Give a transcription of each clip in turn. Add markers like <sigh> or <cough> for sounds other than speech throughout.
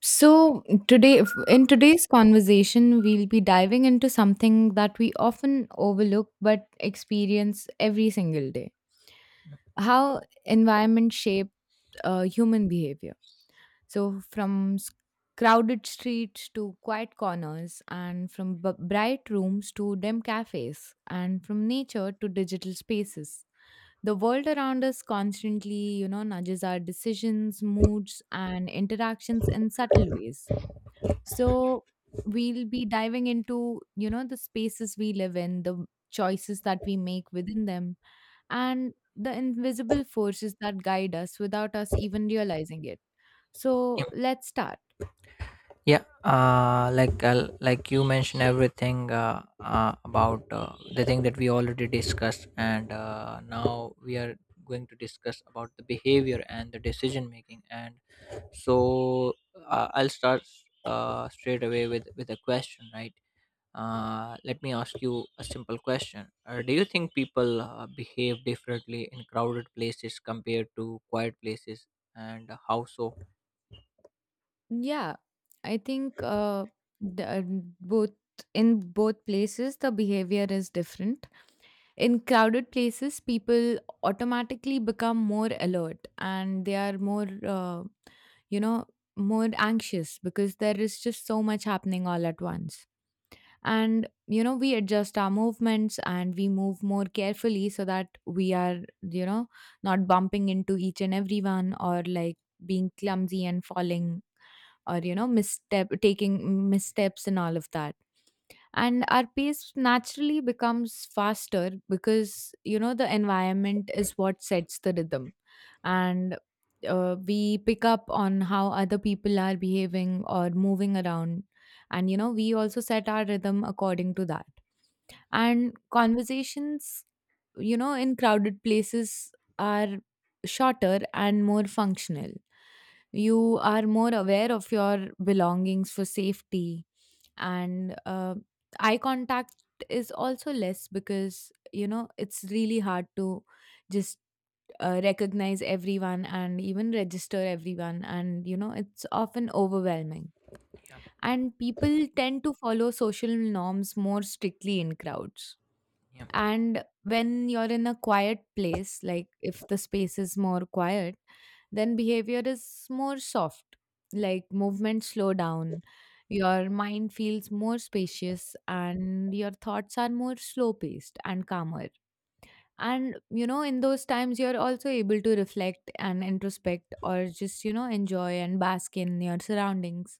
So, today, in today's conversation, we'll be diving into something that we often overlook but experience every single day: how environment shaped human behavior. So, crowded streets to quiet corners, and from bright rooms to dim cafes, and from nature to digital spaces. The world around us constantly nudges our decisions, moods, and interactions in subtle ways, so we'll be diving into, the spaces we live in, the choices that we make within them, and the invisible forces that guide us without us even realizing it. So Yep. let's start. Yeah. uh like uh, like you mentioned everything, about the thing that we already discussed. And now we are going to discuss about the behavior and the decision making. And so I'll start straight away with a question, right? Let me ask you a simple question. Do you think people behave differently in crowded places compared to quiet places, and how so? Yeah, I think the, uh, both in both places the behavior is different. In crowded places, people automatically become more alert and they are you know, more anxious because there is just so much happening all at once. And, you know, we adjust our movements and we move more carefully so that we are, you know, not bumping into each and everyone, or like being clumsy and falling, or, you know, taking missteps and all of that. And our pace naturally becomes faster because you know the environment is what sets the rhythm. Yeah, And we pick up on how other people are behaving or moving around, and you know we also set our rhythm according to that. And conversations, you know, in crowded places are shorter and more functional. You are more aware of your belongings for safety, and eye contact is also less because you know it's really hard to just recognize everyone and even register everyone, and you know it's often overwhelming. yeah, And people tend to follow social norms more strictly in crowds. yeah, And when you're in a quiet place, like if the space is more quiet, then behavior is more soft. Like, movements slow down, your mind feels more spacious, and your thoughts are more slow paced and calmer. And you know in those times you're also able to reflect and introspect, or just, you know, enjoy and bask in your surroundings.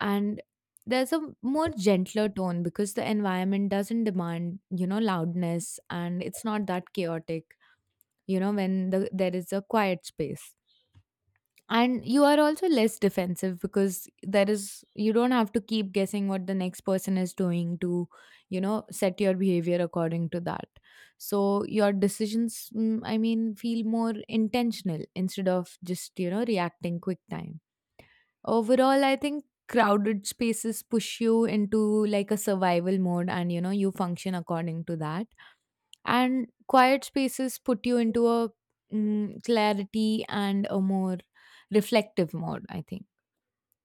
And there's a more gentler tone because the environment doesn't demand, you know, loudness, and it's not that chaotic. You know, there is a quiet space, and you are also less defensive because there is you don't have to keep guessing what the next person is doing to, you know, set your behavior according to that. So your decisions I mean feel more intentional instead of just, you know, reacting quick time. Overall, I think crowded spaces push you into like a survival mode, and you know you function according to that. And quiet spaces put you into a clarity and a more reflective mode, I think.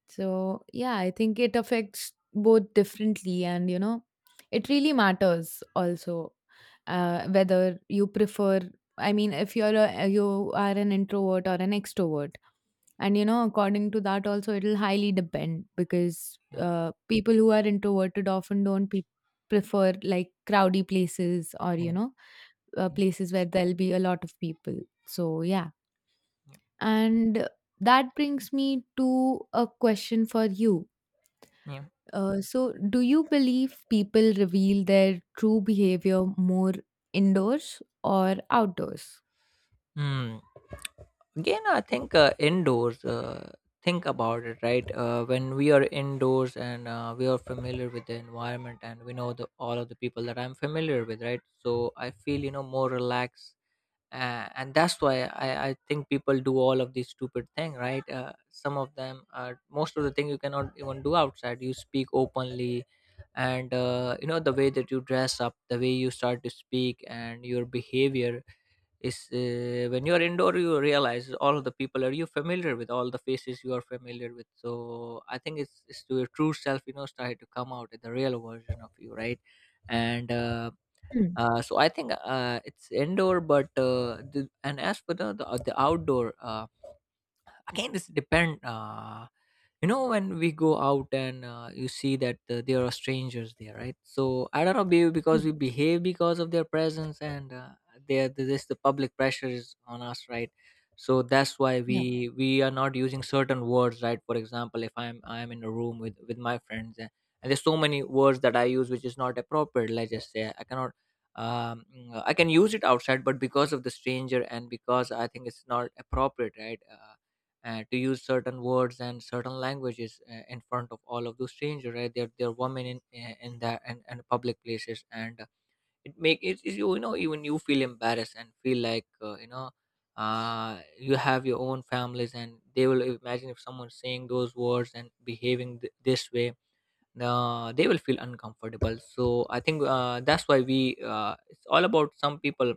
So yeah, I think it affects both differently, and you know it really matters also whether you prefer — I mean, if you are an introvert or an extrovert, and you know according to that also it'll highly depend, because yeah, people who are introverted often don't prefer like crowdy places, or you yeah, know, places where there'll be a lot of people. So, yeah. yeah, And that brings me to a question for you. yeah. So, do you believe people reveal their true behavior more indoors or outdoors? Hmm. Again, I think indoors. Think about it, right? When we are indoors and we are familiar with the environment, and we know the all of the people that I'm familiar with, right? So I feel, you know, more relaxed, and that's why I think people do all of these stupid thing, right? Some of them, are most of the thing you cannot even do outside. You speak openly, and you know, the way that you dress up, the way you start to speak, and your behavior is, when you are indoor you realize all of the people are you familiar with, all the faces you are familiar with. So I think it's to your true self, you know, started to come out in the real version of you, right? And Hmm. So I think it's indoor. But and as for the outdoor, again, this depend. You know, when we go out and you see that there are strangers there, right? So I don't know because Hmm. we behave because of their presence. And there this the public pressure is on us, right? So that's why Yeah. We are not using certain words, right? For example, if I'm in a room with my friends, and there's so many words that I use which is not appropriate. Let's just say I cannot I can use it outside, but because of the stranger and because I think it's not appropriate, right? To use certain words and certain languages in front of all of those strangers, right? Are they are women in the and public places. And it make it it, you know, even you feel embarrassed and feel like, you know, you have your own families and they will imagine if someone's saying those words and behaving this way. They will feel uncomfortable. So I think that's why we it's all about some people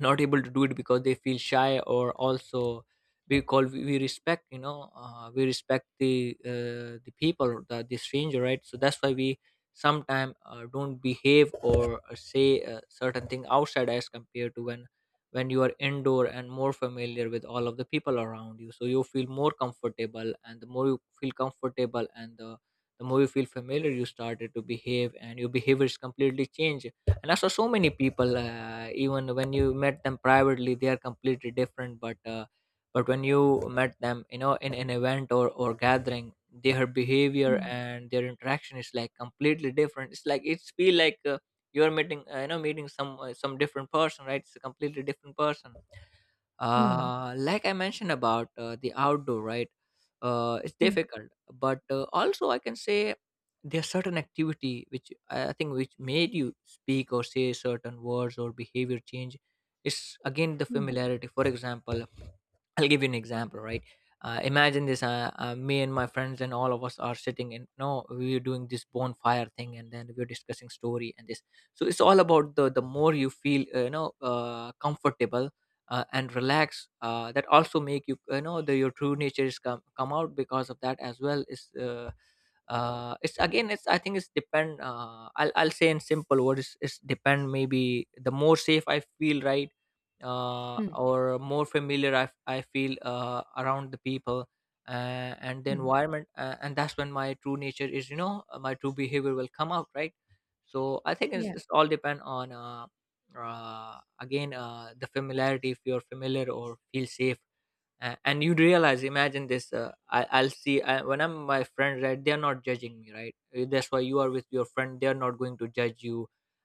not able to do it because they feel shy, or also because we respect, you know, we respect the people, the stranger, right? So that's why we sometimes don't behave or say certain thing outside, as compared to when you are indoor and more familiar with all of the people around you. So you feel more comfortable, and the more you feel comfortable, and the more you feel familiar, you started to behave and your behavior is completely changed. And I saw so many people, even when you met them privately they are completely different. But when you met them, you know, in an event or gathering, their behavior Hmm. and their interaction is like completely different. It's like it's feel like, you're meeting, you know, meeting some different person, right? It's a completely different person. Hmm. Like I mentioned about the outdoor, right? It's Hmm. difficult, but also I can say there's certain activity which I think which made you speak or say certain words or behavior change. It's again the Hmm. familiarity. For example, I'll give you an example, right? Imagine this: me and my friends and all of us are sitting, and no, we are doing this bonfire thing, and then we're discussing story and this. So it's all about the more you feel, you know, comfortable and relaxed. That also make you, you know, your true nature is come out because of that as well. Is It's again, it's I think it's depend. I'll say in simple words, it's depend. Maybe the more safe I feel, right? Hmm. Or more familiar I feel around the people, uh, and the Hmm. environment, and that's when my true nature is, you know, my true behavior will come out, right? So I think Yeah. it's all depend on again, the familiarity. If you're familiar or feel safe, and you realize imagine this: I'll see, when I'm my friends, right? They're not judging me, right? That's why you are with your friend, they're not going to judge you,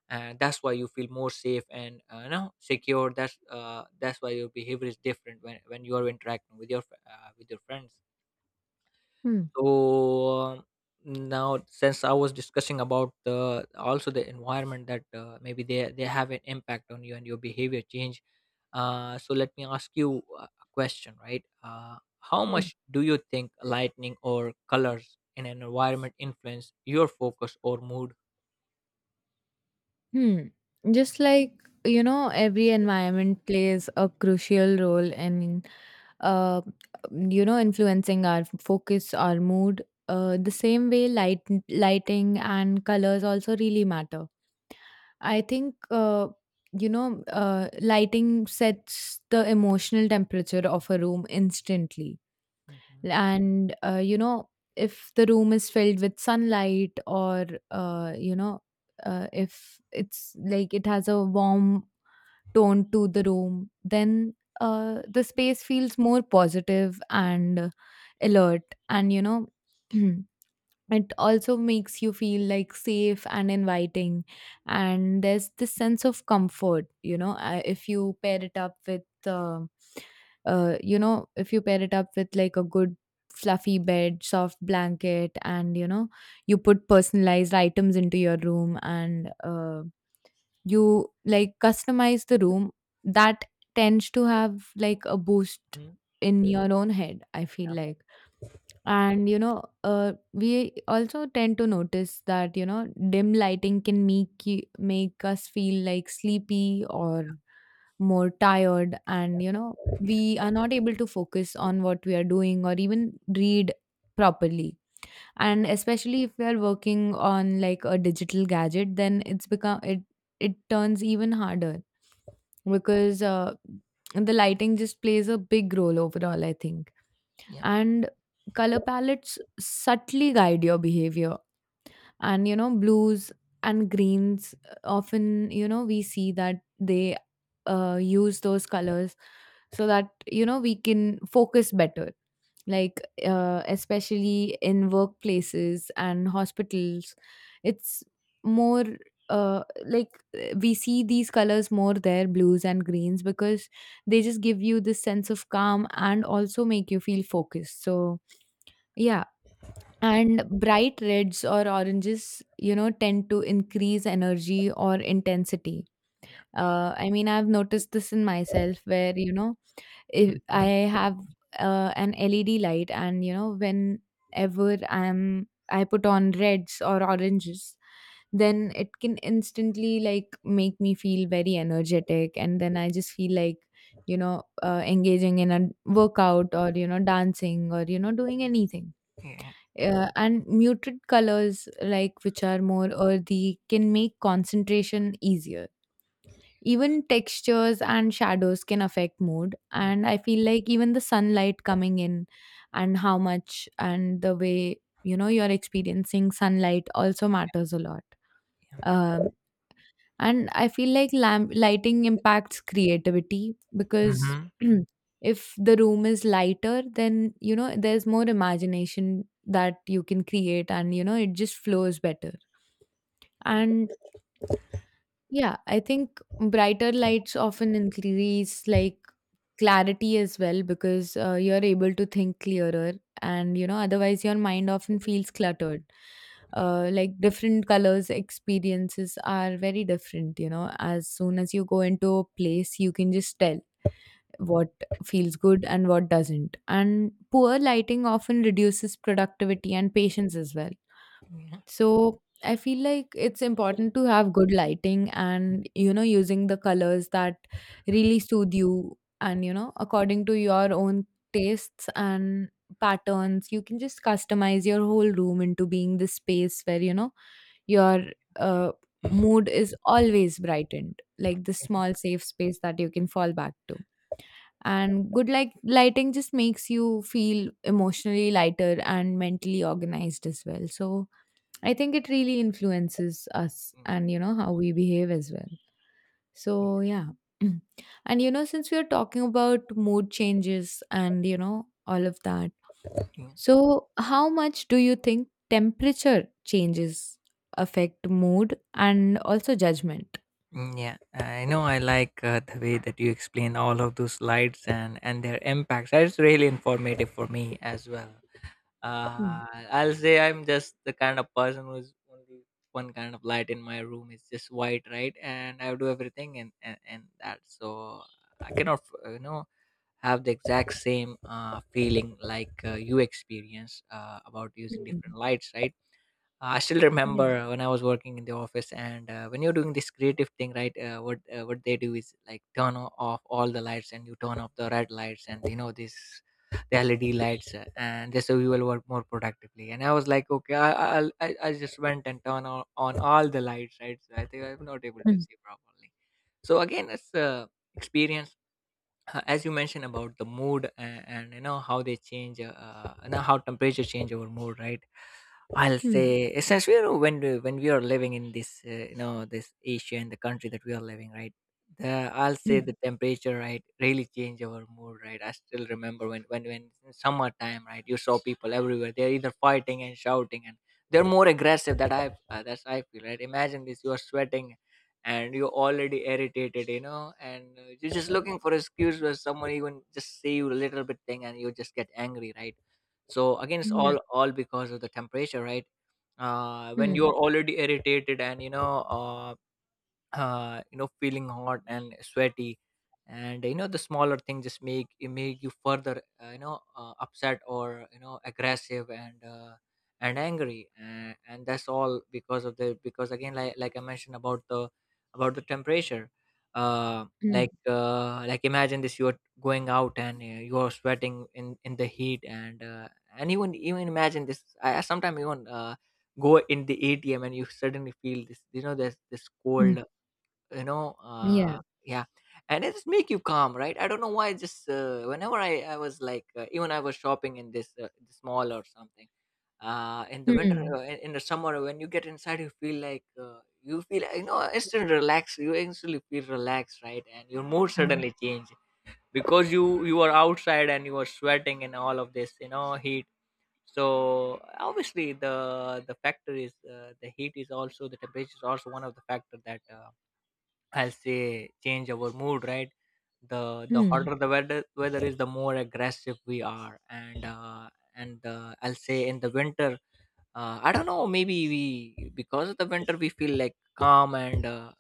and that's why you feel more safe and, you know, secure. That's that's why your behavior is different when you are interacting with your with your friends. Hmm. So um, now, since I was discussing about the also the environment that maybe they have an impact on you and your behavior change, so let me ask you a question, right? How much do you think lighting or colors in an environment influence your focus or mood? Hmm. Just like, you know, every environment plays a crucial role in, uh, you know, influencing our focus, our mood. The same way, lighting and colors also really matter. I think, you know, lighting sets the emotional temperature of a room instantly. Mm-hmm. And you know, if the room is filled with sunlight, or you know, if it's like it has a warm tone to the room, then the space feels more positive and alert. And you know, <clears throat> it also makes you feel like safe and inviting, and there's this sense of comfort, you know. If you pair it up with um you know, if you pair it up with like a good fluffy bed, soft blanket, and you know, you put personalized items into your room, and you like customize the room, that tends to have like a boost Hmm. in your own head, I feel like. And you know, we also tend to notice that, you know, dim lighting can make us feel like sleepy or more tired, and you know we are not able to focus on what we are doing or even read properly. And especially if we are working on like a digital gadget, then it's become it it turns even harder, because the lighting just plays a big role overall, I think. Yeah, And color palettes subtly guide your behavior, and you know blues and greens, often, you know, we see that they use those colors so that, you know, we can focus better, like, especially in workplaces and hospitals. It's more, uh, like we see these colors more there — blues and greens — because they just give you this sense of calm and also make you feel focused. So yeah. And bright reds or oranges, you know, tend to increase energy or intensity. yeah, I mean, I've noticed this in myself where, you know, if I mhm, have an LED light, and you know, whenever I put on reds or oranges, then it can instantly like make me feel very energetic, and then I just feel like, you know, engaging in a workout, or you know, dancing, or you know, doing anything. yeah, And muted colors, like which are more earthy, can make concentration easier. Even textures and shadows can affect mood. mm, And I feel like even the sunlight coming in, and how much and the way, you know, you're experiencing sunlight also matters a lot. Um, and I feel like lamp lighting impacts creativity, because mhm, <clears throat> if the room is lighter, then, you know, there's more imagination that you can create, and you know, it just flows better. And yeah, I think brighter lights often increase like clarity as well, because you're able to think clearer, and you know otherwise your mind often feels cluttered. Like, different colors experiences are very different. You know, as soon as you go into a place you can just tell what feels good and what doesn't. And poor lighting often reduces productivity and patience as well. yeah, So I feel like it's important to have good lighting, and, you know, using the colors that really soothe you, and, you know, according to your own tastes and patterns, you can just customize your whole room into being this space where, you know, your uh, mood is always brightened, like this small safe space that you can fall back to. And good like lighting just makes you feel emotionally lighter and mentally organized as well. So I think it really influences us, mm, and you know how we behave as well. So yeah. <clears throat> And you know, since we are talking about mood changes and you know all of that. yeah. So how much do you think temperature changes affect mood and also judgment? Mm. Yeah, I know. I like the way that you explain all of those slides and their impacts. It's really informative for me as well. Mm. Uh, I'll say I'm just the kind of person who's only one kind of light in my room. It's just white, right? And I do everything and and that. So I cannot, you know, have the exact same feeling like you experience about using Mm. different lights, right? I still Yeah. remember when I was working in the office, and when you're doing this creative thing, right? What they do is like turn off all the lights, and you turn off the red lights, and you know this the LED lights, and just so you will work more productively. And I was like, okay, I I'll, I just went and turned on, all the lights, right? So I think I'm not able to Mm. see properly. So again, it's experience, as you mentioned about the mood and you know how they change, you know, how temperature change our mood, right? I'll say Mm. essentially we're when we are living in this, you know, this Asia and the country that we are living, right? the I'll say the temperature, right, really change our mood, right? I still remember when in summertime, right? You saw people everywhere, they're either fighting and shouting, and they're more aggressive. That's I feel, right? Imagine this: you are sweating and you're already irritated, you know, and you're just Mm. looking for excuse where someone even just say you a little bit thing and you just get angry, right? So again, it's Yeah. All because of the temperature, right? When Mm. you're already irritated, and you know, you know, feeling hot and sweaty, and you know, the smaller thing just make you further, you know, upset, or you know, aggressive and, angry. And, that's all because of the, because again, like I mentioned about the temperature. Mm. Like like imagine this: you're going out and you're sweating in the heat. And even imagine this, I sometimes even go in the ATM, and you suddenly feel this, you know, there's this Mm. cold, you know, Yeah. yeah. And it just make you calm, right? I don't know why. Just whenever I was like, even I was shopping in this this mall or something, in the winter, Mm. In the summer, when you get inside you feel like, you feel, you know, instant relax, you instantly feel relaxed, right? And your mood Mm. suddenly change, because you are outside and you are sweating and all of this, you know, heat. So obviously the factor is, the heat is also, the temperature is also one of the factor that, I'll say change our mood, right? The hotter the weather is, the more aggressive we are. And I'll say in the winter, I don't know, maybe we because of the winter we feel like calm. And uh,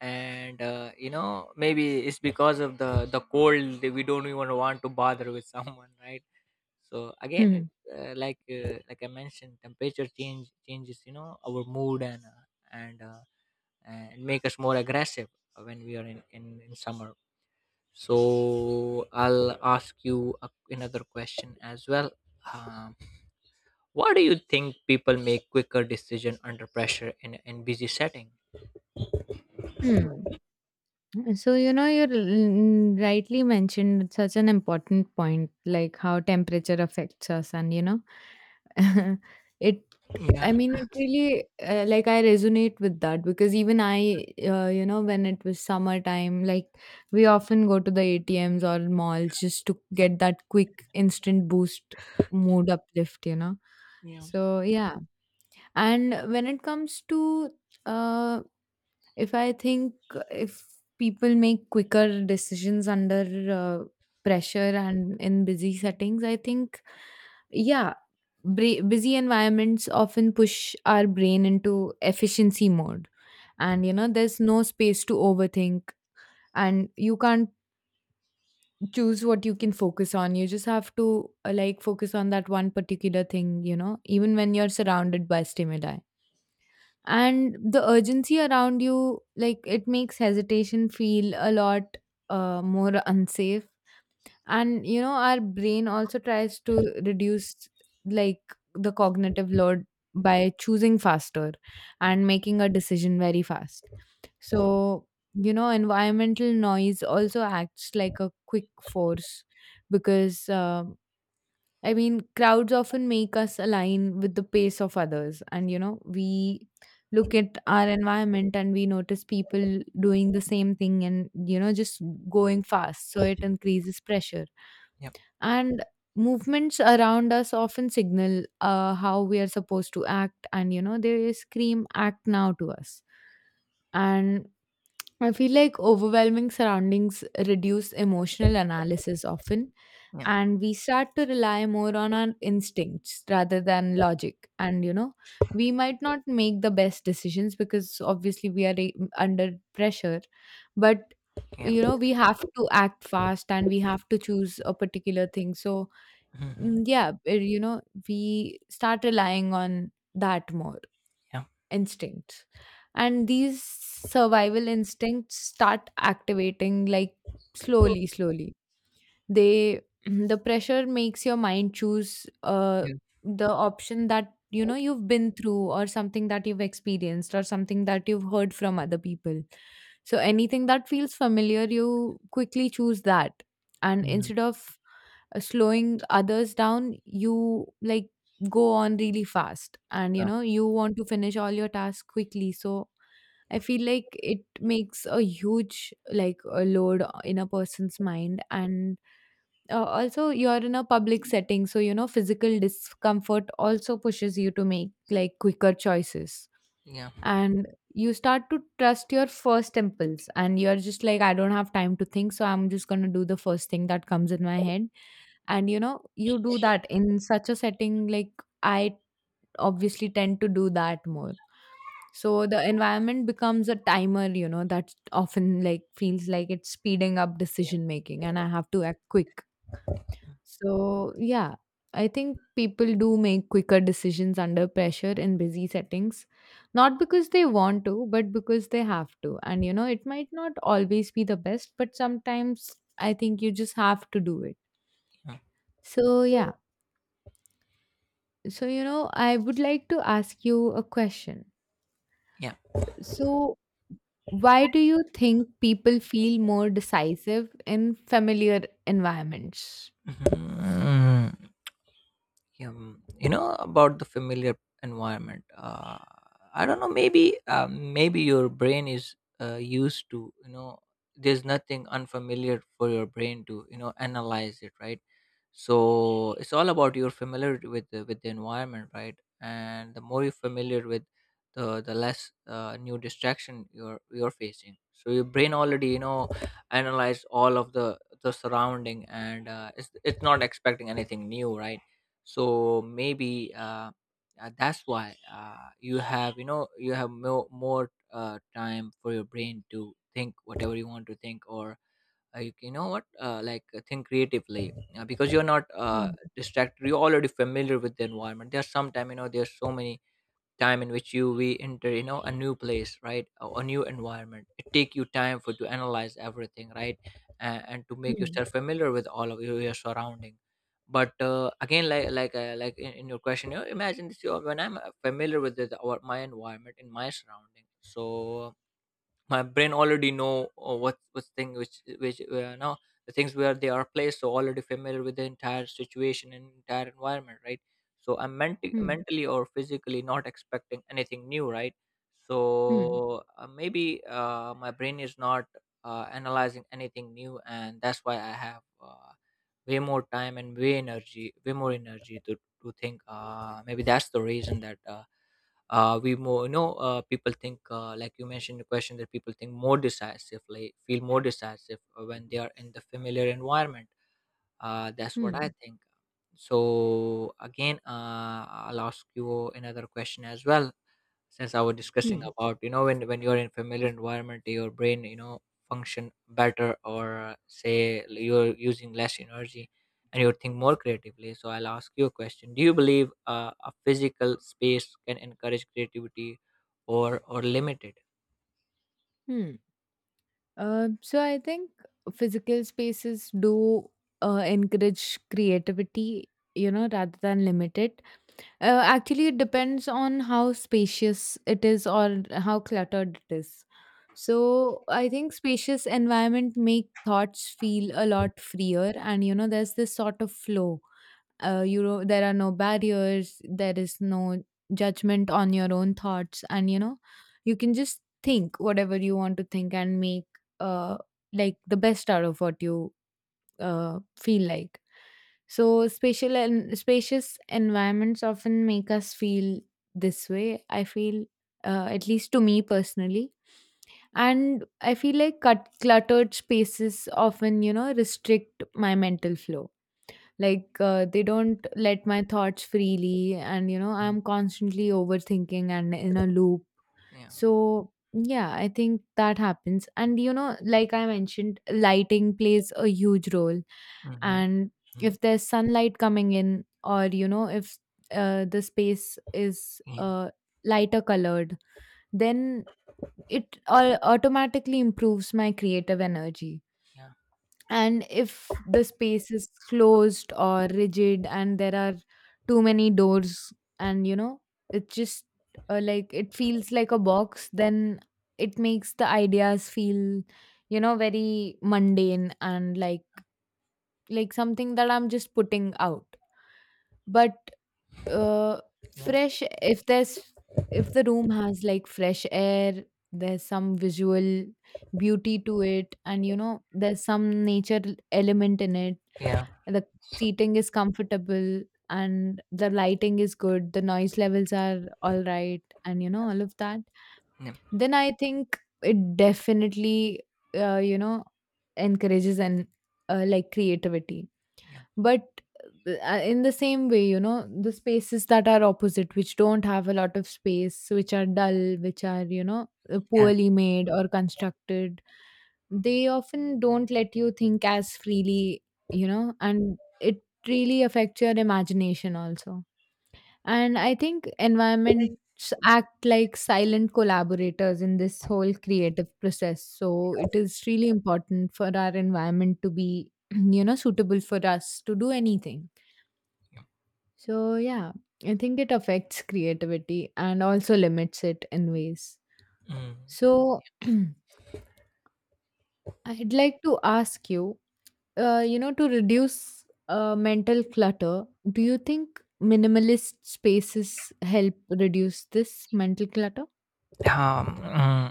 and uh, you know, maybe it's because of the cold that we don't even want to bother with <laughs> someone, right? So again, Mm. it's like I mentioned, temperature changes, our mood, and uh, and make us more aggressive when we are in summer. So I'll ask you another question as well. Um, why do you think people make quicker decision under pressure in busy setting? Mm. So, you know, you rightly mentioned such an important point, like how temperature affects us, and you know, <laughs> it. Yeah, I mean, it really like, I resonate with that because even I you know, when it was summertime, like we often go to the ATMs or malls just to get that quick instant boost mood uplift, you know. yeah, So yeah, and when it comes to uh if I think if people make quicker decisions under uh, pressure and in busy settings, I think, yeah, busy environments often push our brain into efficiency mode. And, you know, there's no space to overthink, and you can't choose what you can focus on. You just have to, like, focus on that one particular thing, you know, even when you're surrounded by stimuli, and the urgency around you, like, it makes hesitation feel a lot more unsafe. And you know our brain also tries to reduce like the cognitive load by choosing faster yeah, and making a decision very fast. So you know environmental noise also acts like a quick force, because I mean, crowds often make us align with the pace of others. And, you know, we look at our environment and we notice people doing the same thing and, you know, just going fast. So it increases pressure. yeah, And movements around us often signal how we are supposed to act. And, you know, they scream, act now, to us. And I feel like overwhelming surroundings reduce emotional analysis often, yeah, and we start to rely more on our instincts rather than logic. And we might not make the best decisions because obviously we are under pressure, but yeah. We have to act fast and we have to choose a particular thing. So, mm, Hmm. yeah, we start relying on that more Yeah, instincts, and these survival instincts start activating, like, slowly slowly they <clears throat> the pressure makes your mind choose yeah. the option that you know you've been through, or something that you've experienced, or something that you've heard from other people. So anything that feels familiar you quickly choose that, and Mhm. instead of slowing others down, you like go on really fast, and you want to finish all your tasks quickly. So I feel like it makes a huge, like, a load in a person's mind. And also, you're in a public setting, so physical discomfort also pushes you to make, like, quicker choices. Yeah, yeah, And you start to trust your first impulse, and you're just like, I don't have time to think, so I'm just going to do the first thing that comes in my head. And you do that in such a setting, like, I obviously tend to do that more. So the environment becomes a timer that often, like, feels like it's speeding up yeah. decision making, and I have to act quick. So yeah, I think people do make quicker decisions under pressure in busy settings, not because they want to but because they have to. And it might not always be the best, but sometimes I think you just have to do it. So yeah. So, I would like to ask you a question. Yeah. So, why do you think people feel more decisive in familiar environments? Mhm. You know about the familiar environment, I don't know, maybe, maybe your brain is used to, there's nothing unfamiliar for your brain to, analyze it, right? So it's all about your familiarity with the environment, right? And the more you're familiar with, the less new distraction you're facing, so your brain already, analyze all of the surrounding, and it's not expecting anything new, right? So maybe that's why, you have more time for your brain to think whatever you want to think, or, like, you know what like think creatively, because you're not Hmm. distracted. You're already familiar with the environment. There's some time, there's so many time in which you we enter, a new place, right? Or a new environment, it take you time for to analyze everything, right? And to make Hmm. yourself familiar with all of your surrounding. But again, like in your question, imagine this, when I'm familiar with my environment, in my surrounding, so my brain already know what thing, which, now, the things, where they are placed, so already familiar with the entire situation and entire environment, right? So I'm Hmm. mentally or physically not expecting anything new, right? Hmm. So maybe, my brain is not analyzing anything new, and that's why I have, way more time and way more energy to think. Maybe that's the reason that, we more you know people think, like you mentioned in the question, that people think more decisive like feel more decisive when they are in the familiar environment. That's what I Hmm. think. So again, I'll ask you another question as well. Since I was discussing Hmm. about, you know, when you're in familiar environment, your brain, you know, function better, or you're using less energy and you think more creatively. So I'll ask you a question: do you believe a physical space can encourage creativity, or limit it? Hmm. So, I think physical spaces do encourage creativity, rather than limit it. Actually, it depends on how spacious it is or how cluttered it is. So, I think spacious environment make thoughts feel a lot freer, and there's this sort of flow. There are no barriers. There is no judgment on your own thoughts, and you can just think whatever you want to think and make uh like the best out of what you feel like. So spatial and spacious environments often make us feel this way, I feel, at least to me personally. And I feel like cluttered spaces often, restrict my mental flow. Like they don't let my thoughts freely, and Mhm. I'm constantly overthinking and in a loop. Yeah. So yeah, I think that happens. And like I mentioned, lighting plays a huge role, Mm-hmm. and if there's sunlight coming in, or if the space is Yeah. Lighter colored, then it automatically improves my creative energy. Yeah. And if the space is closed or rigid, and there are too many doors, and it just like it feels like a box, then it makes the ideas feel very mundane, and like something that I'm just putting out. But, uh, Yeah. fresh, if the room has, like, fresh air, there's some visual beauty to it, and, there's some nature element in it. Yeah. The seating is comfortable, and the lighting is good, the noise levels are alright, and, all of that. Yeah. Then I think it definitely, uh, you know, encourages and like, creativity. Yeah. But in the same way, the spaces that are opposite, which don't have a lot of space, which are dull, which are Yeah. poorly made or Yeah. constructed, they often don't let you think as freely, and it really affects your imagination also. And I think environments act like silent collaborators in this whole creative process. So it is really important for our environment to be, <clears throat> suitable for us to do anything. Yeah. So yeah, I think it affects creativity and also limits it in ways. Mm. So <clears throat> I'd like to ask you, to reduce mental clutter, do you think minimalist spaces help reduce this mental clutter? Mm.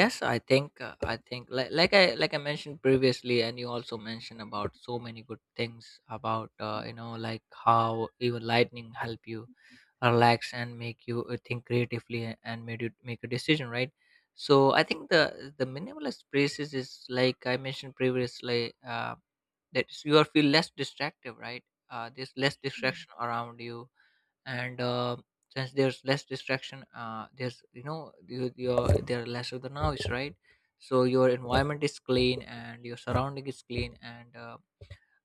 Yes, I think, like, I mentioned previously, and you also mentioned about so many good things about, you know, like how even lightning help you relax and make you think creatively, and made you make a decision, right? So I think the minimalist places is, like I mentioned previously, that you are feel less distractive, right? There's less Hmm. distraction around you, and since there's less distraction, there's, you know, there are less of the noise, right? So your environment is clean and your surrounding is clean, and uh,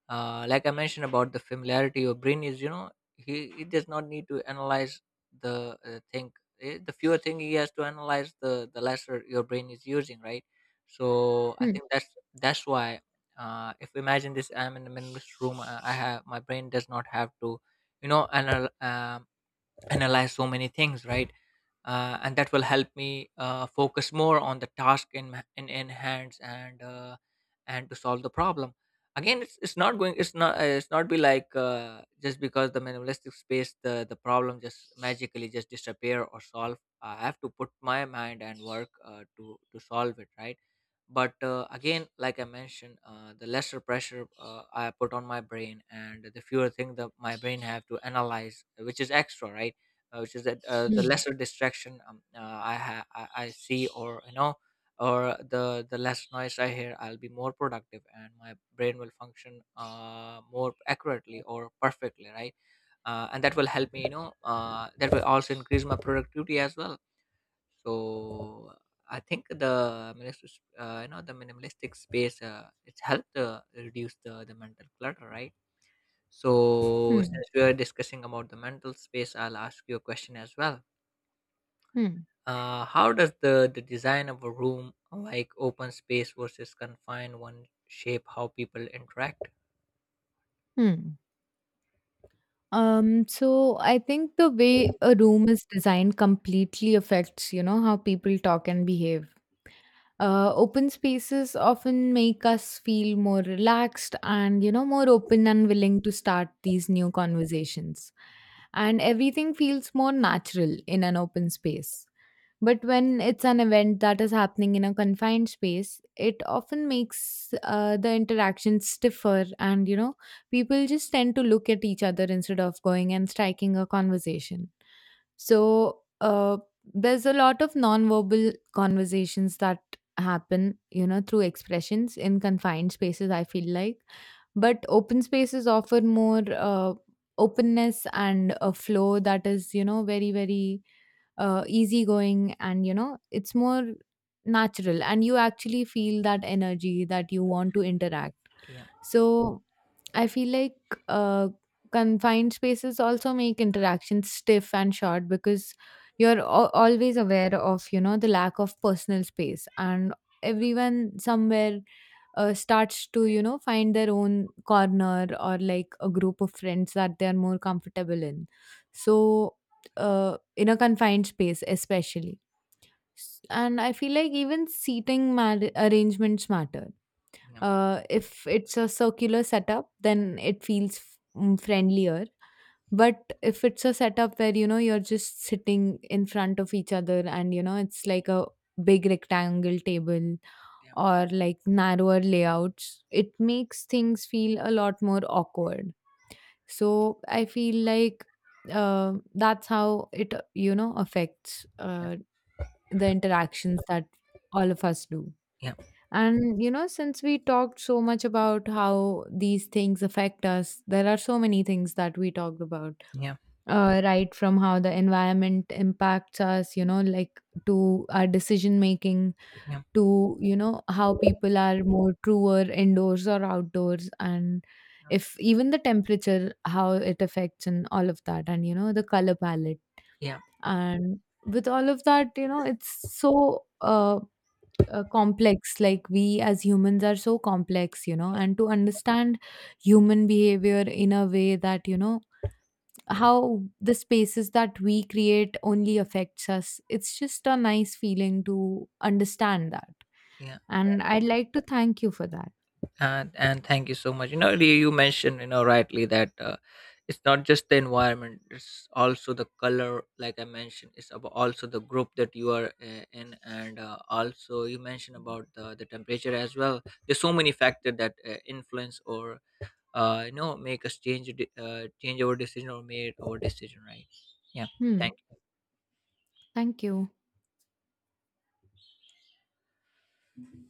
uh, like I mentioned about the familiarity, your brain is, you know, he does not need to analyze the, thing. The fewer thing he has to analyze, the lesser your brain is using, right? So I Hmm. think that's why, if imagine this, I'm in the minimalist room, I have my brain does not have to, you know, analyze so many things, right? And that will help me focus more on the task in, hands, and to solve the problem. Again, it's not going it's not be like, just because the minimalistic space, the problem just magically just disappear or solve, I have to put my mind and work to solve it, right? But again, like I mentioned, the lesser pressure, I put on my brain, and the fewer things that my brain have to analyze, which is extra, right? Which is that, the Hmm. lesser distraction, I see, or, you know, or the less noise I hear, I'll be more productive, and my brain will function, more accurately or perfectly, right? And that will help me, you know, that will also increase my productivity as well. So I think the minimalist, you know, the minimalistic space, it's helped, reduce the mental clutter, right? So Hmm. since we are discussing about the mental space, I'll ask you a question as well. Mm, How does the design of a room, like open space versus confined one, shape how people interact? mm. So I think the way a room is designed completely affects, how people talk and behave. Open spaces often make us feel more relaxed and, more open and willing to start these new conversations. And everything feels more natural in an open space. But when it's an event that is happening in a confined space, it often makes the interaction stiffer, and people just tend to look at each other instead of going and striking a conversation. So there's a lot of nonverbal conversations that happen, through expressions in confined spaces, I feel like. But open spaces offer more openness and a flow that is, very, very easygoing, and it's more natural, and you actually feel that energy that you want to interact. Yeah, So I feel like uh, confined spaces also make interactions stiff and short, because you're al always aware of the lack of personal space, and everyone somewhere starts to find their own corner, or like a group of friends that they are more comfortable in. So in a confined space especially. And I feel like even seating arrangements matter. yeah, If it's a circular setup, then it feels friendlier. But if it's a setup where you're just sitting in front of each other, and it's like a big rectangle table, yeah, or like narrower layouts, it makes things feel a lot more awkward. So I feel like that's how it, affects the interactions that all of us do. yeah, And, since we talked so much about how these things affect us, there are so many things that we talked about, yeah, right? From how the environment impacts us, like, to our decision making, yeah, yeah, to how people are more truer indoors or outdoors, and if even the temperature, how it affects, and all of that, and the color palette, yeah, and with all of that, it's so complex, like we as humans are so complex, yeah, and to understand human behavior in a way that, yeah. Yeah. how the spaces that we create only affects us, it's just a nice feeling to understand that. Yeah. And I'd like to thank you for that. And thank you so much. You know, you mentioned, you know, rightly that, it's not just the environment, it's also the color, like I mentioned. It's about also the group that you are in, and also you mentioned about the temperature as well. There's so many factors that influence, or you know, make us change change our decision, or made our decision, right? Yeah. Hmm. Thank Thank you.